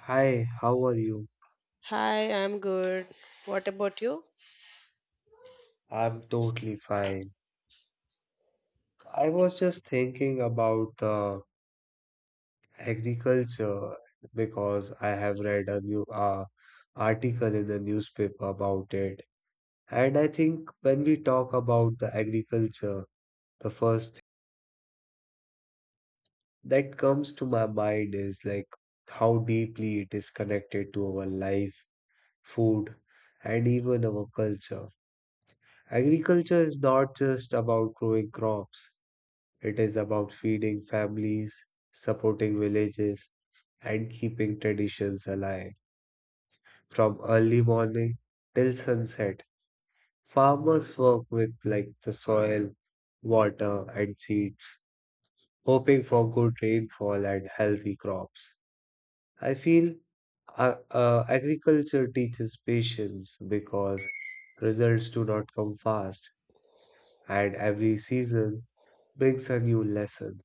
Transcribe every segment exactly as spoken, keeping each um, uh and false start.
Hi, how are you? Hi, I'm good. What about you? I'm totally fine. I was just thinking about the agriculture because I have read a new uh, article in the newspaper about it. And I think when we talk about the agriculture, the first that comes to my mind is like how deeply it is connected to our life, food, and even our culture. Agriculture is not just about growing crops. It is about feeding families, supporting villages, and keeping traditions alive. From early morning till sunset, farmers work with like the soil, water, and seeds, hoping for good rainfall and healthy crops. I feel uh, uh, agriculture teaches patience because results do not come fast, and every season brings a new lesson.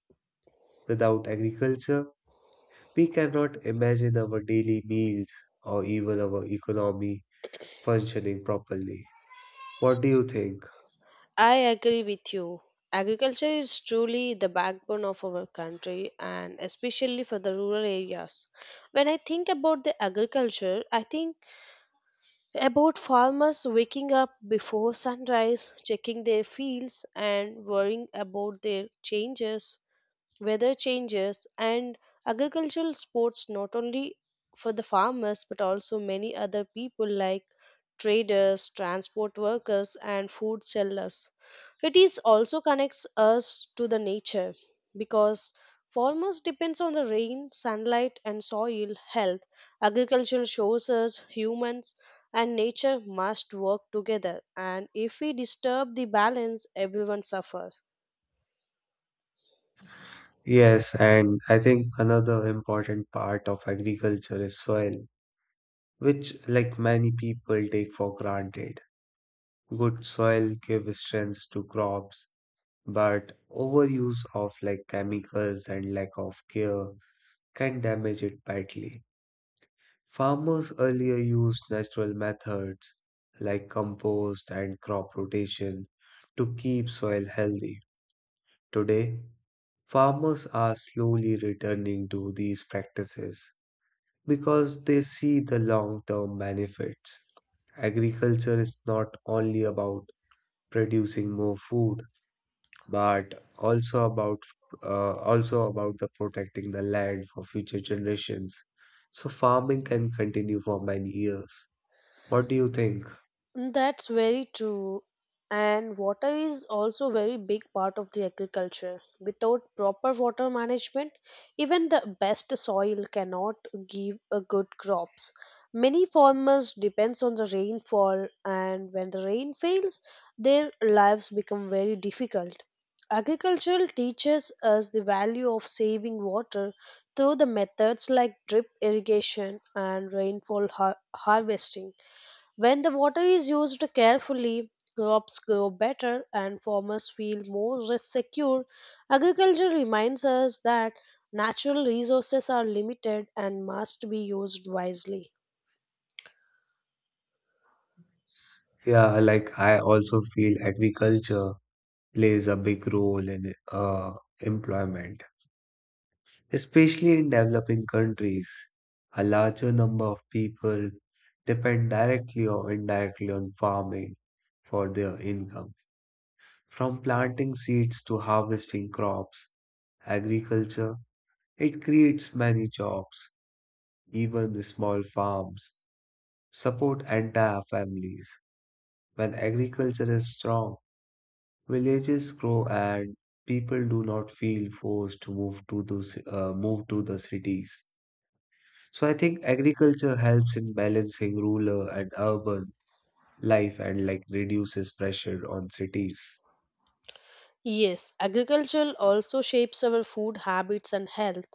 Without agriculture, we cannot imagine our daily meals or even our economy functioning properly. What do you think? I agree with you. Agriculture is truly the backbone of our country and especially for the rural areas. When I think about the agriculture, I think about farmers waking up before sunrise, checking their fields and worrying about their changes weather changes, and agricultural sports not only for the farmers but also many other people like traders, transport workers and food sellers. It is also connects us to the nature because farmers depends on the rain, sunlight and soil health. Agriculture shows us humans and nature must work together, and if we disturb the balance everyone suffers. Yes, and I think another important part of agriculture is soil, which, like many people, take for granted. Good soil gives strength to crops, but overuse of like chemicals and lack of care can damage it badly. Farmers earlier used natural methods like compost and crop rotation to keep soil healthy. Today, farmers are slowly returning to these practices because they see the long term benefits. Agriculture is not only about producing more food but also about uh, also about the protecting the land for future generations so farming can continue for many years. What do you think? That's very true. And water is also very big part of the agriculture. Without proper water management, even the best soil cannot give a good crops. Many farmers depends on the rainfall, and when the rain fails, their lives become very difficult. Agriculture teaches us the value of saving water through the methods like drip irrigation and rainfall har- harvesting. When the water is used carefully, crops grow better and farmers feel more re- secure. Agriculture reminds us that natural resources are limited and must be used wisely. Yeah, like I also feel agriculture plays a big role in uh, employment, especially in developing countries. A larger number of people depend directly or indirectly on farming for their income. From planting seeds to harvesting crops, agriculture, it creates many jobs. Even the small farms support entire families. When agriculture is strong, villages grow and people do not feel forced to move to those uh, move to the cities. So I think agriculture helps in balancing rural and urban life and like reduces pressure on cities. Yes, agriculture also shapes our food habits and health.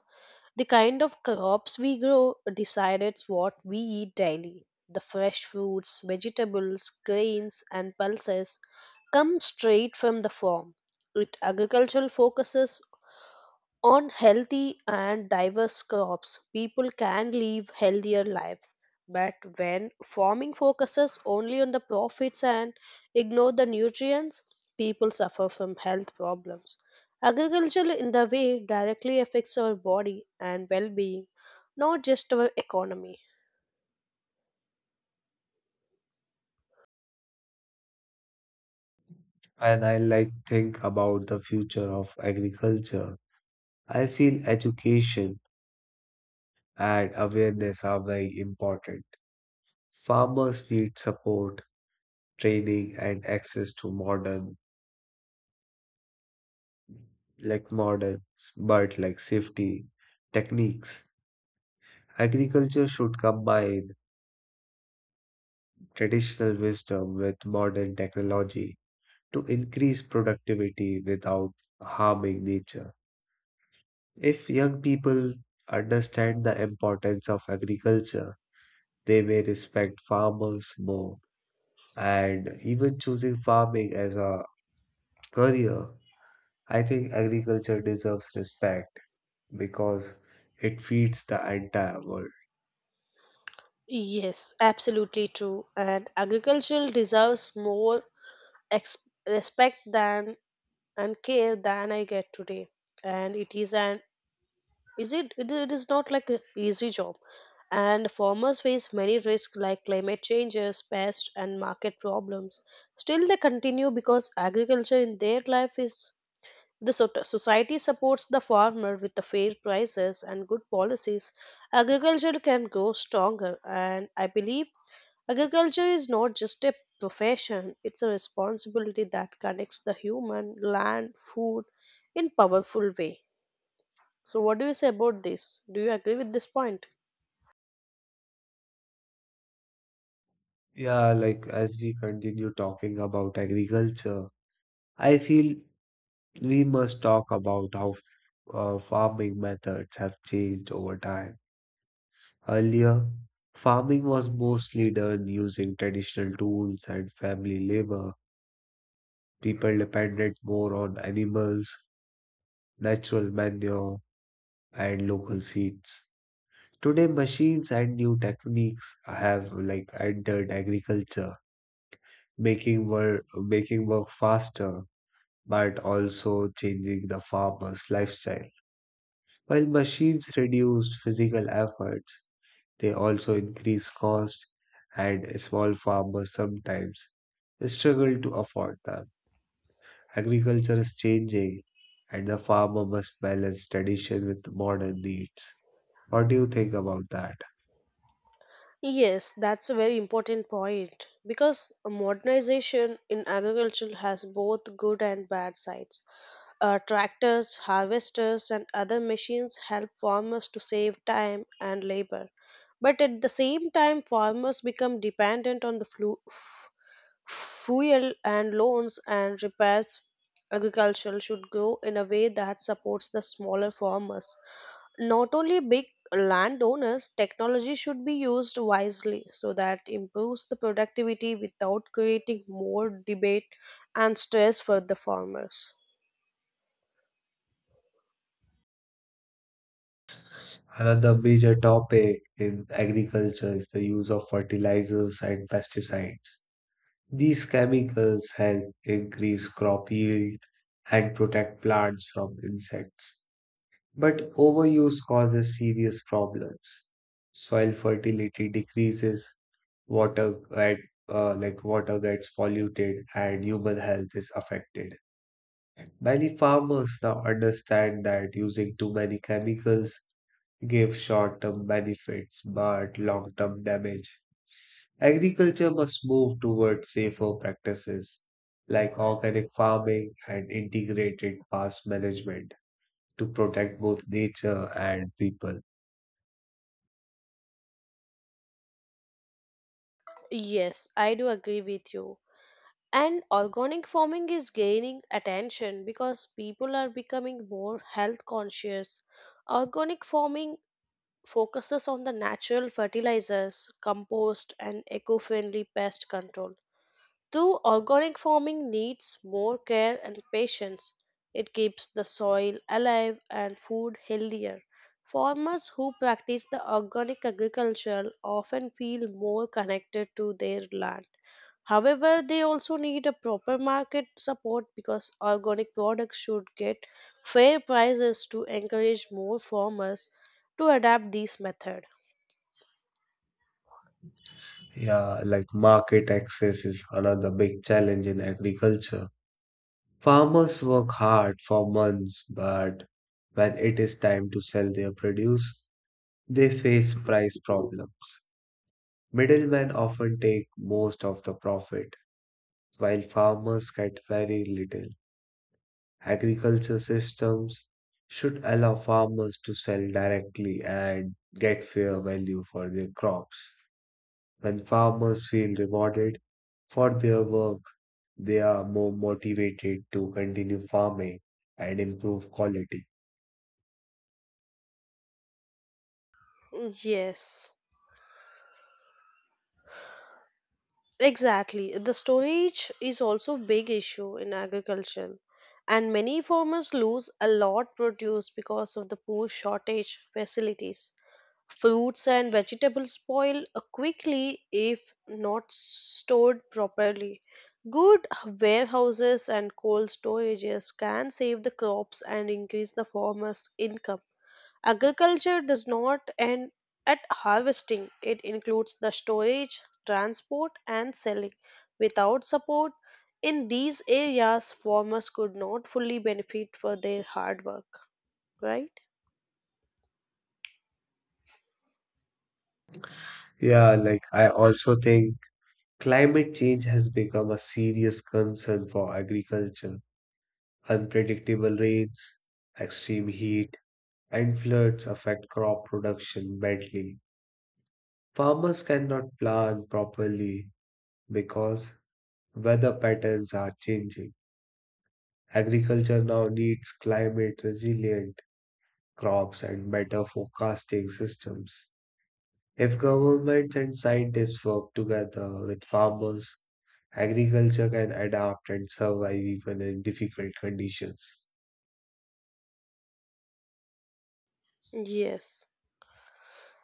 The kind of crops we grow decides what we eat daily. The fresh fruits, vegetables, grains, and pulses come straight from the farm. It agricultural focuses on healthy and diverse crops, people can live healthier lives. But when farming focuses only on the profits and ignore the nutrients, people suffer from health problems. Agriculture, in the way, directly affects our body and well being, not just our economy. And I like think about the future of agriculture. I feel education and awareness are very important. Farmers need support, training, and access to modern like models, but like safety techniques. Agriculture should combine traditional wisdom with modern technology to increase productivity without harming nature. If young people understand the importance of agriculture, they may respect farmers more. And even choosing farming as a career, I think agriculture deserves respect because it feeds the entire world. Yes, absolutely true. And agriculture deserves more ex- respect than and care than I get today. And it is an Is it, it it is not like an easy job, and farmers face many risks like climate changes, pests, and market problems. Still, they continue because agriculture in their life is the so- society supports the farmer with the fair prices and good policies. Agriculture can grow stronger, and I believe agriculture is not just a profession; it's a responsibility that connects the human, land, food in powerful way. So, what do you say about this? Do you agree with this point? Yeah, like as we continue talking about agriculture, I feel we must talk about how f- uh, farming methods have changed over time. Earlier, farming was mostly done using traditional tools and family labor. People depended more on animals, natural manure, and local seeds. Today, machines and new techniques have like entered agriculture, making work making work faster but also changing the farmer's lifestyle. While machines reduced physical efforts, they also increase cost, and small farmers sometimes struggle to afford them. Agriculture is changing, and the farmer must balance tradition with modern needs. What do you think about that? Yes, that's a very important point because modernization in agriculture has both good and bad sides. Uh, tractors, harvesters, and other machines help farmers to save time and labor. But at the same time, farmers become dependent on the flu- f- fuel and loans and repairs. Agriculture should grow in a way that supports the smaller farmers, not only big landowners. Technology should be used wisely so that improves the productivity without creating more debate and stress for the farmers. Another major topic in agriculture is the use of fertilizers and pesticides. These chemicals help increase crop yield and protect plants from insects. But overuse causes serious problems. Soil fertility decreases, water get, uh, like water gets polluted, and human health is affected. Many farmers now understand that using too many chemicals give short-term benefits but long-term damage. Agriculture must move toward safer practices like organic farming and integrated pest management to protect both nature and people. Yes, I do agree with you. And organic farming is gaining attention because people are becoming more health conscious. Organic farming focuses on the natural fertilizers, compost and eco-friendly pest control. Though organic farming needs more care and patience, it keeps the soil alive and food healthier. Farmers who practice the organic agriculture often feel more connected to their land. However, they also need a proper market support because organic products should get fair prices to encourage more farmers to adapt this method. Yeah, like market access is another big challenge in agriculture. Farmers work hard for months, but when it is time to sell their produce, they face price problems. Middlemen often take most of the profit, while farmers get very little. Agriculture systems should allow farmers to sell directly and get fair value for their crops. When farmers feel rewarded for their work, they are more motivated to continue farming and improve quality. Yes. Exactly. The storage is also a big issue in agriculture, and many farmers lose a lot produce because of the poor shortage facilities. Fruits and vegetables spoil uh, quickly if not stored properly. Good warehouses and cold storages can save the crops and increase the farmers' income. Agriculture does not end at harvesting, it includes the storage, transport, and selling. Without support in these areas, farmers could not fully benefit for their hard work, right? Yeah, like I also think climate change has become a serious concern for agriculture. Unpredictable rains, extreme heat, and floods affect crop production badly. Farmers cannot plan properly because weather patterns are changing. Agriculture now needs climate resilient crops and better forecasting systems. If governments and scientists work together with farmers, agriculture can adapt and survive even in difficult conditions. Yes.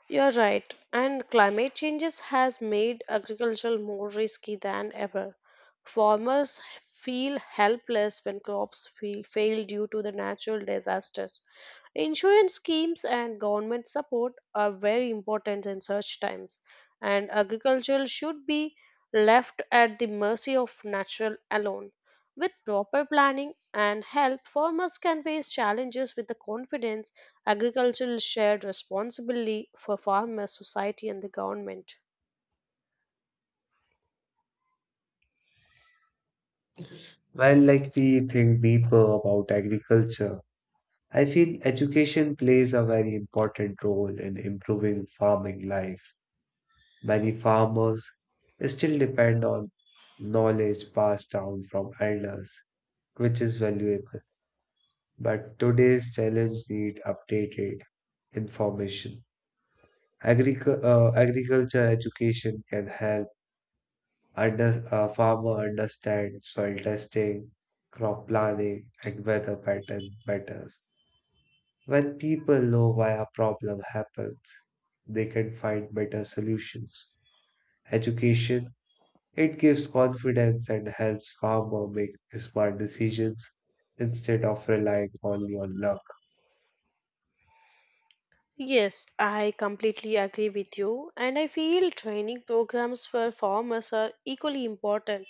You're right. And climate changes has made agriculture more risky than ever. Farmers feel helpless when crops feel, fail due to the natural disasters. Insurance schemes and government support are very important in such times, and agriculture should be left at the mercy of natural alone. With proper planning and help, farmers can face challenges with the confidence. Agricultural shared responsibility for farmers, society, and the government. While like we think deeper about agriculture, I feel education plays a very important role in improving farming life. Many farmers still depend on knowledge passed down from elders, which is valuable. But today's challenge need updated information. Agric- uh, agriculture education can help under- a farmer understand soil testing, crop planning, and weather pattern better. When people know why a problem happens, they can find better solutions. Education it gives confidence and helps farmer make smart decisions instead of relying only on luck. Yes, I completely agree with you, and I feel training programs for farmers are equally important.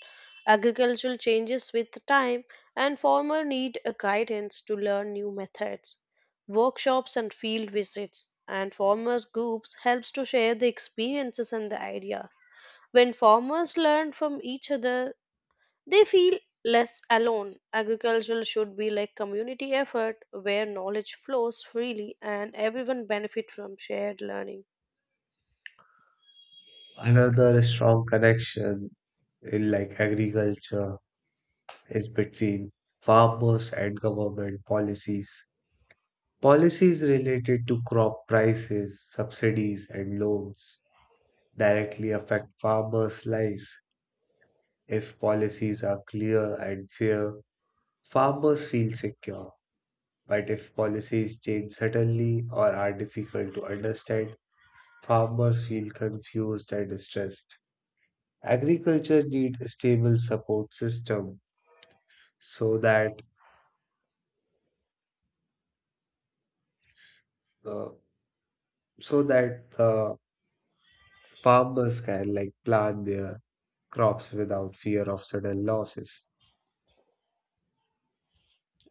Agricultural changes with time, and farmers need a guidance to learn new methods. Workshops and field visits and farmers groups helps to share the experiences and the ideas. When farmers learn from each other, they feel less alone. Agriculture should be like community effort where knowledge flows freely and everyone benefit from shared learning. Another strong connection in like agriculture is between farmers and government policies. Policies related to crop prices, subsidies, and loans directly affect farmers' lives. If policies are clear and fair, farmers feel secure. But if policies change suddenly or are difficult to understand, farmers feel confused and distressed. Agriculture needs a stable support system so that uh, so that the farmers can like plant their crops without fear of sudden losses.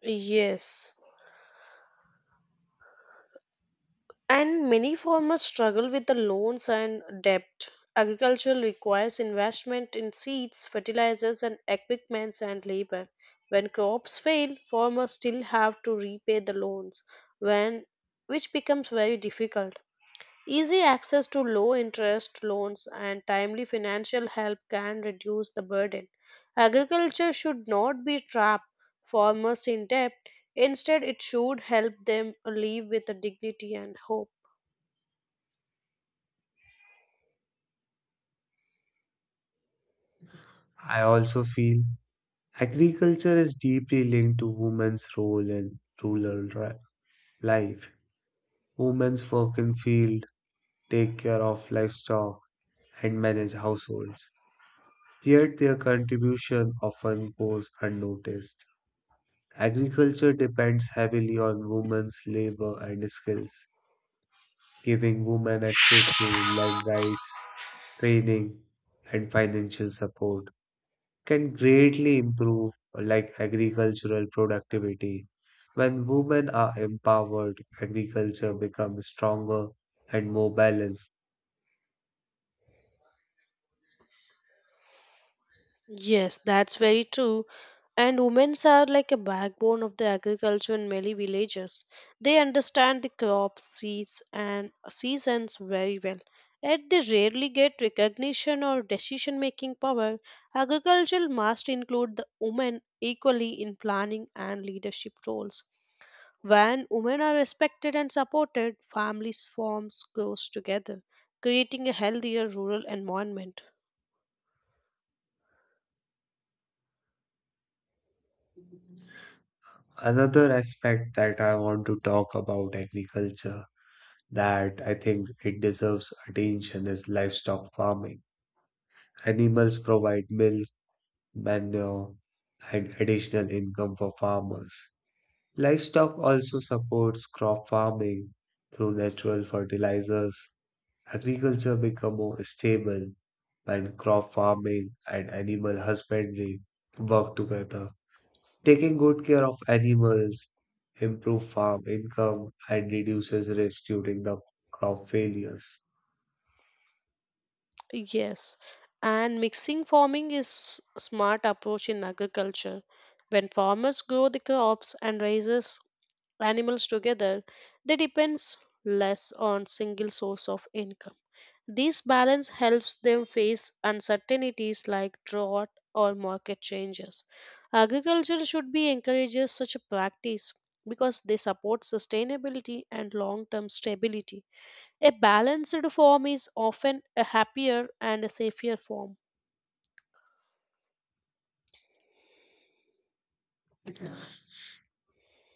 Yes. And many farmers struggle with the loans and debt. Agriculture requires investment in seeds, fertilizers, and equipments and labor. When crops fail, farmers still have to repay the loans, when, which becomes very difficult. Easy access to low interest loans and timely financial help can reduce the burden. Agriculture should not be trap farmers in debt. Instead, it should help them live with dignity and hope. I also feel agriculture is deeply linked to women's role in rural ri- life. Women's work in field, take care of livestock, and manage households. Yet their contribution often goes unnoticed. Agriculture depends heavily on women's labor and skills, giving women access to land rights, training, and financial support can greatly improve like agricultural productivity. When women are empowered, agriculture becomes stronger and more balanced. Yes, that's very true. And women are like a backbone of the agriculture in many villages. They understand the crops, seeds, and seasons very well. Yet they rarely get recognition or decision making power. Agriculture must include the women equally in planning and leadership roles. When women are respected and supported, families forms grows together, creating a healthier rural environment. Another aspect that I want to talk about agriculture that I think it deserves attention is livestock farming. Animals provide milk, manure, and additional income for farmers. Livestock also supports crop farming through natural fertilizers. Agriculture become more stable when crop farming and animal husbandry work together. Taking good care of animals improve farm income and reduces risk during the crop failures. Yes, and mixing farming is a smart approach in agriculture. When farmers grow the crops and raises animals together, they depends less on single source of income. This balance helps them face uncertainties like drought or market changes. Agriculture should be encourages such a practice because they support sustainability and long-term stability. A balanced form is often a happier and a safer form.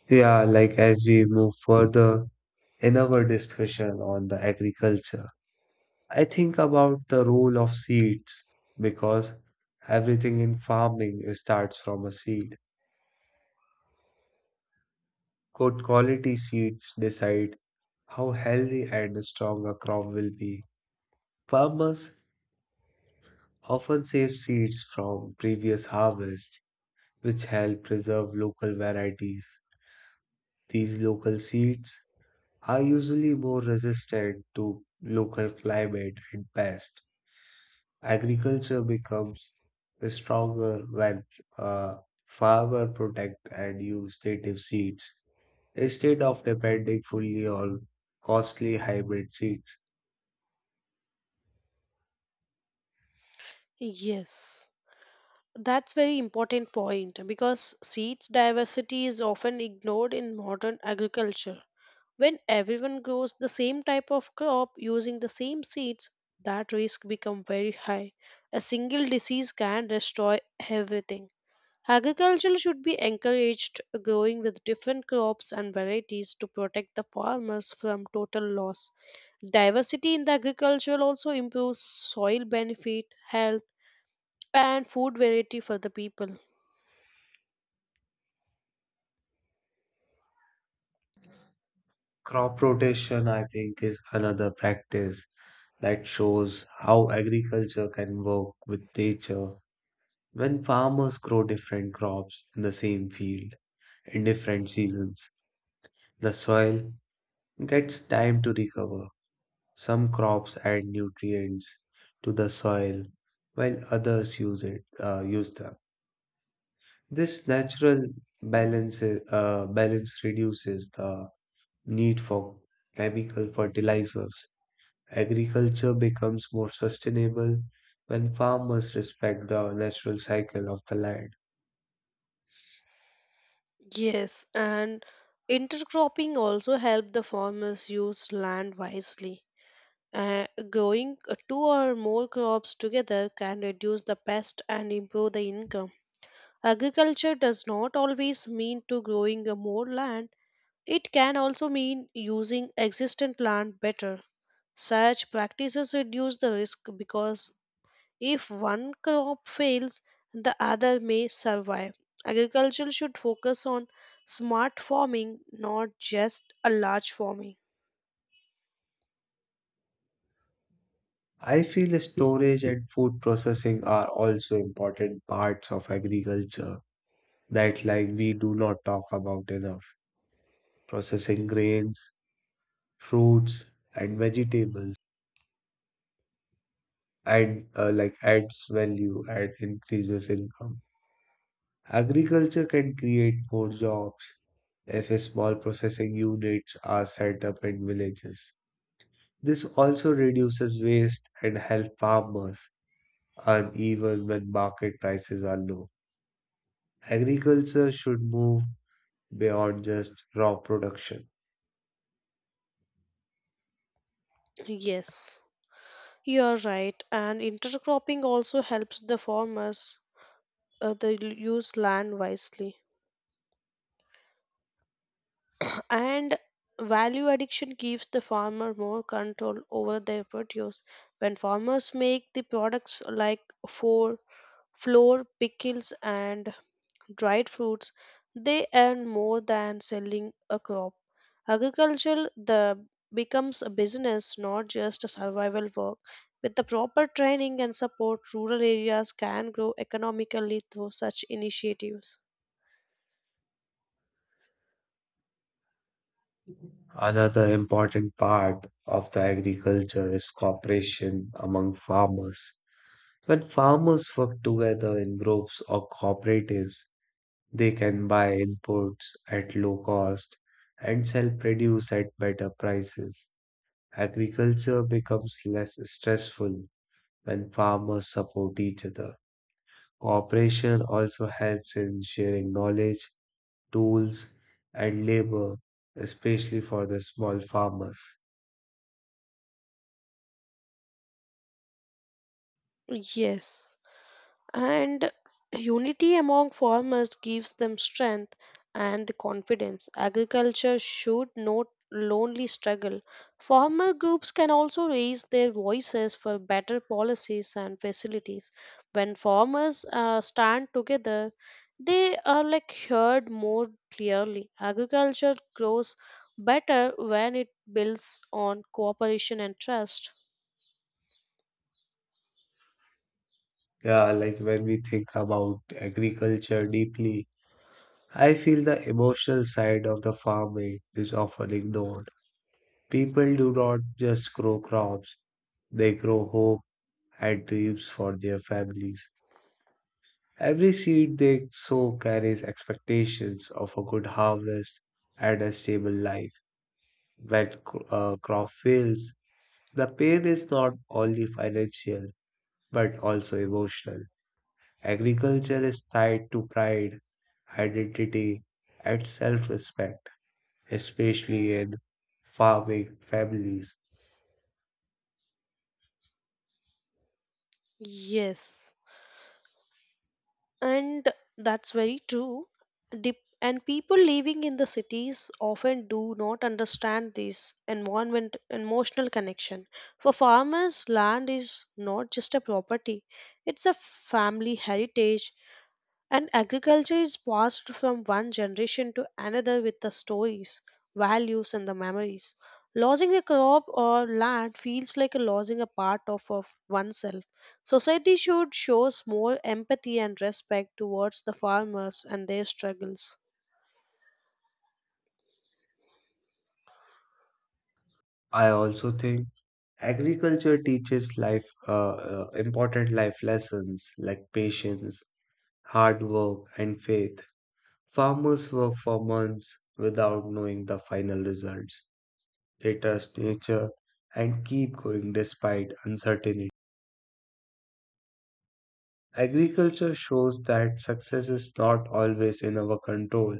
Yeah, like as we move further in our discussion on the agriculture, I think about the role of seeds because everything in farming starts from a seed. Good quality seeds decide how healthy and strong a crop will be. Farmers often save seeds from previous harvests, which help preserve local varieties. These local seeds are usually more resistant to local climate and pests. Agriculture becomes stronger when uh, farmer protect and use native seeds instead of depending fully on costly hybrid seeds. Yes, that's very important point because seeds diversity is often ignored in modern agriculture. When everyone grows the same type of crop using the same seeds, that risk become very high. A single disease can destroy everything. Agriculture should be encouraged, growing with different crops and varieties to protect the farmers from total loss. Diversity in the agriculture also improves soil benefit, health, and food variety for the people. Crop rotation, I think, is another practice that shows how agriculture can work with nature when farmers grow different crops in the same field in different seasons. The soil gets time to recover. Some crops add nutrients to the soil while others use it uh, use them. This natural balance uh, balance reduces the need for chemical fertilizers. Agriculture becomes more sustainable when farmers respect the natural cycle of the land. Yes, and intercropping also help the farmers use land wisely. Uh, growing two or more crops together can reduce the pest and improve the income. Agriculture does not always mean to growing uh, more land. It can also mean using existing land better. Such practices reduce the risk because if one crop fails, the other may survive. Agriculture should focus on smart farming, not just a large farming. I feel storage and food processing are also important parts of agriculture that like we do not talk about enough. Processing grains, fruits, and vegetables and uh, like adds value and increases income. Agriculture can create more jobs if small processing units are set up in villages. This also reduces waste and help farmers earn even when market prices are low. Agriculture should move beyond just raw production. Yes, you're right. And intercropping also helps the farmers uh, they use land wisely. And value addiction gives the farmer more control over their produce. When farmers make the products like for flour, pickles, and dried fruits, they earn more than selling a crop. Agriculture the becomes a business, not just a survival work. With the proper training and support, rural areas can grow economically through such initiatives. Another important part of the agriculture is cooperation among farmers. When farmers work together in groups or cooperatives, they can buy inputs at low cost and sell produce at better prices. Agriculture becomes less stressful when farmers support each other. Cooperation also helps in sharing knowledge, tools, and labor, especially for the small farmers. Yes. And unity among farmers gives them strength and the confidence. Agriculture should not lonely struggle. Farmer groups can also raise their voices for better policies and facilities. When farmers uh, stand together, they are like heard more clearly. Agriculture grows better when it builds on cooperation and trust. Yeah, like when we think about agriculture deeply, I feel the emotional side of the farming is often ignored. People do not just grow crops, they grow hope and dreams for their families. Every seed they sow carries expectations of a good harvest and a stable life. When cro- uh, crop fails, the pain is not only financial but also emotional. Agriculture is tied to pride, identity, and self respect, especially in farming families. Yes, and that's very true. Dep- and people living in the cities often do not understand this environment emotional connection. For farmers land is not just a property, it's a family heritage, and agriculture is passed from one generation to another with the stories, values, and the memories. Losing a crop or land feels like a losing a part of, of oneself. Society should shows more empathy and respect towards the farmers and their struggles. I also think agriculture teaches life uh, uh, important life lessons like patience, hard work, and faith. Farmers work for months without knowing the final results. They trust nature and keep going despite uncertainty. Agriculture shows that success is not always in our control,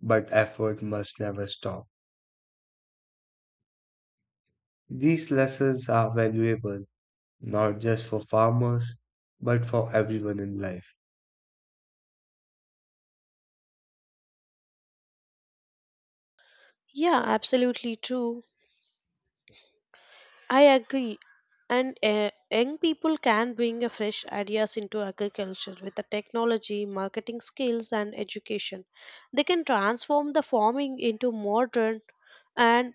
but effort must never stop. These lessons are valuable not just for farmers, but for everyone in life. Yeah, absolutely true. I agree. And uh, young people can bring a fresh ideas into agriculture with the technology, marketing skills, and education. They can transform the farming into modern and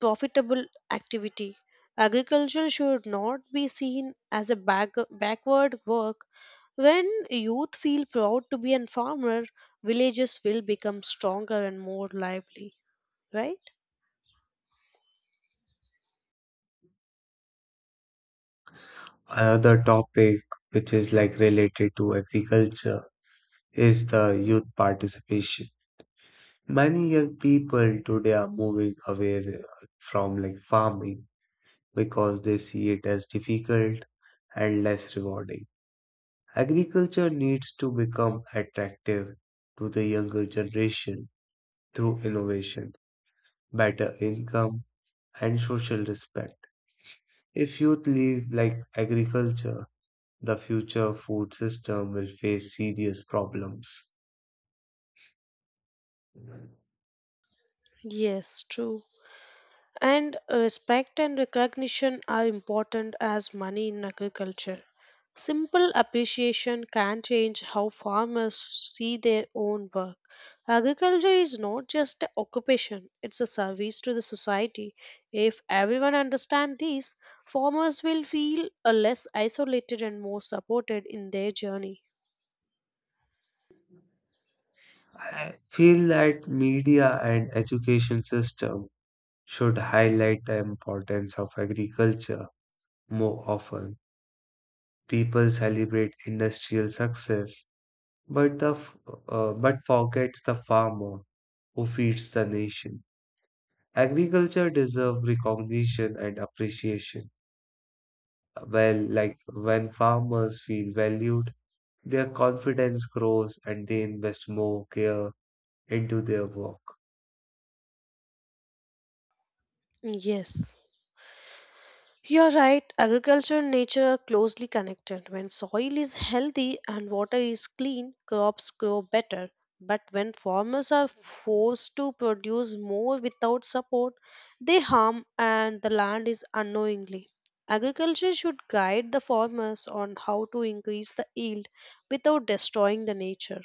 profitable activity. Agriculture should not be seen as a back- backward work. When youth feel proud to be a farmer, villages will become stronger and more lively, right? Another topic which is like related to agriculture is the youth participation. Many young people today are moving away from like farming because they see it as difficult and less rewarding. Agriculture needs to become attractive to the younger generation through innovation, better income, and social respect. If youth live like agriculture, the future food system will face serious problems. Yes, true. And respect and recognition are important as money in agriculture. Simple appreciation can change how farmers see their own work. Agriculture is not just an occupation, it's a service to the society. If everyone understands this, farmers will feel uh, less isolated and more supported in their journey. I feel that media and education system should highlight the importance of agriculture more often. People celebrate industrial success but the f- uh, but forgets the farmer who feeds the nation. Agriculture deserves recognition and appreciation. Well, like when farmers feel valued, their confidence grows and they invest more care into their work. Yes. You're right, agriculture and nature are closely connected. When soil is healthy and water is clean, crops grow better. But when farmers are forced to produce more without support, they harm and the land is unknowingly. Agriculture should guide the farmers on how to increase the yield without destroying the nature.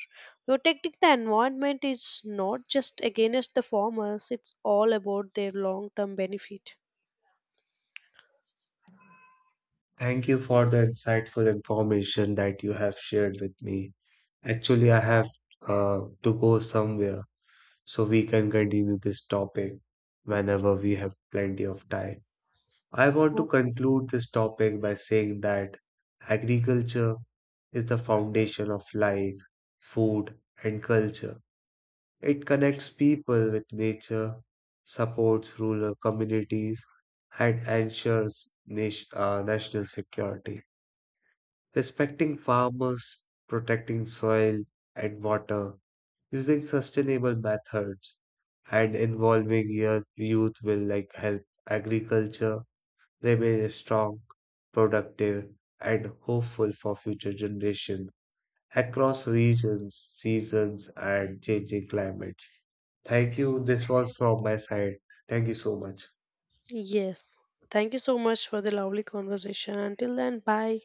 Protecting the environment is not just against the farmers, it's all about their long term benefit. Thank you for the insightful information that you have shared with me. Actually, I have uh, to go somewhere, so we can continue this topic whenever we have plenty of time. I want to conclude this topic by saying that agriculture is the foundation of life, food, and culture. It connects people with nature, supports rural communities, and ensures nation, uh, national security. Respecting farmers, protecting soil and water, using sustainable methods, and involving youth youth will like help agriculture remain strong, productive, and hopeful for future generations across regions, seasons, and changing climates. Thank you. This was from my side. Thank you so much. Yes. Thank you so much for the lovely conversation. Until then, bye.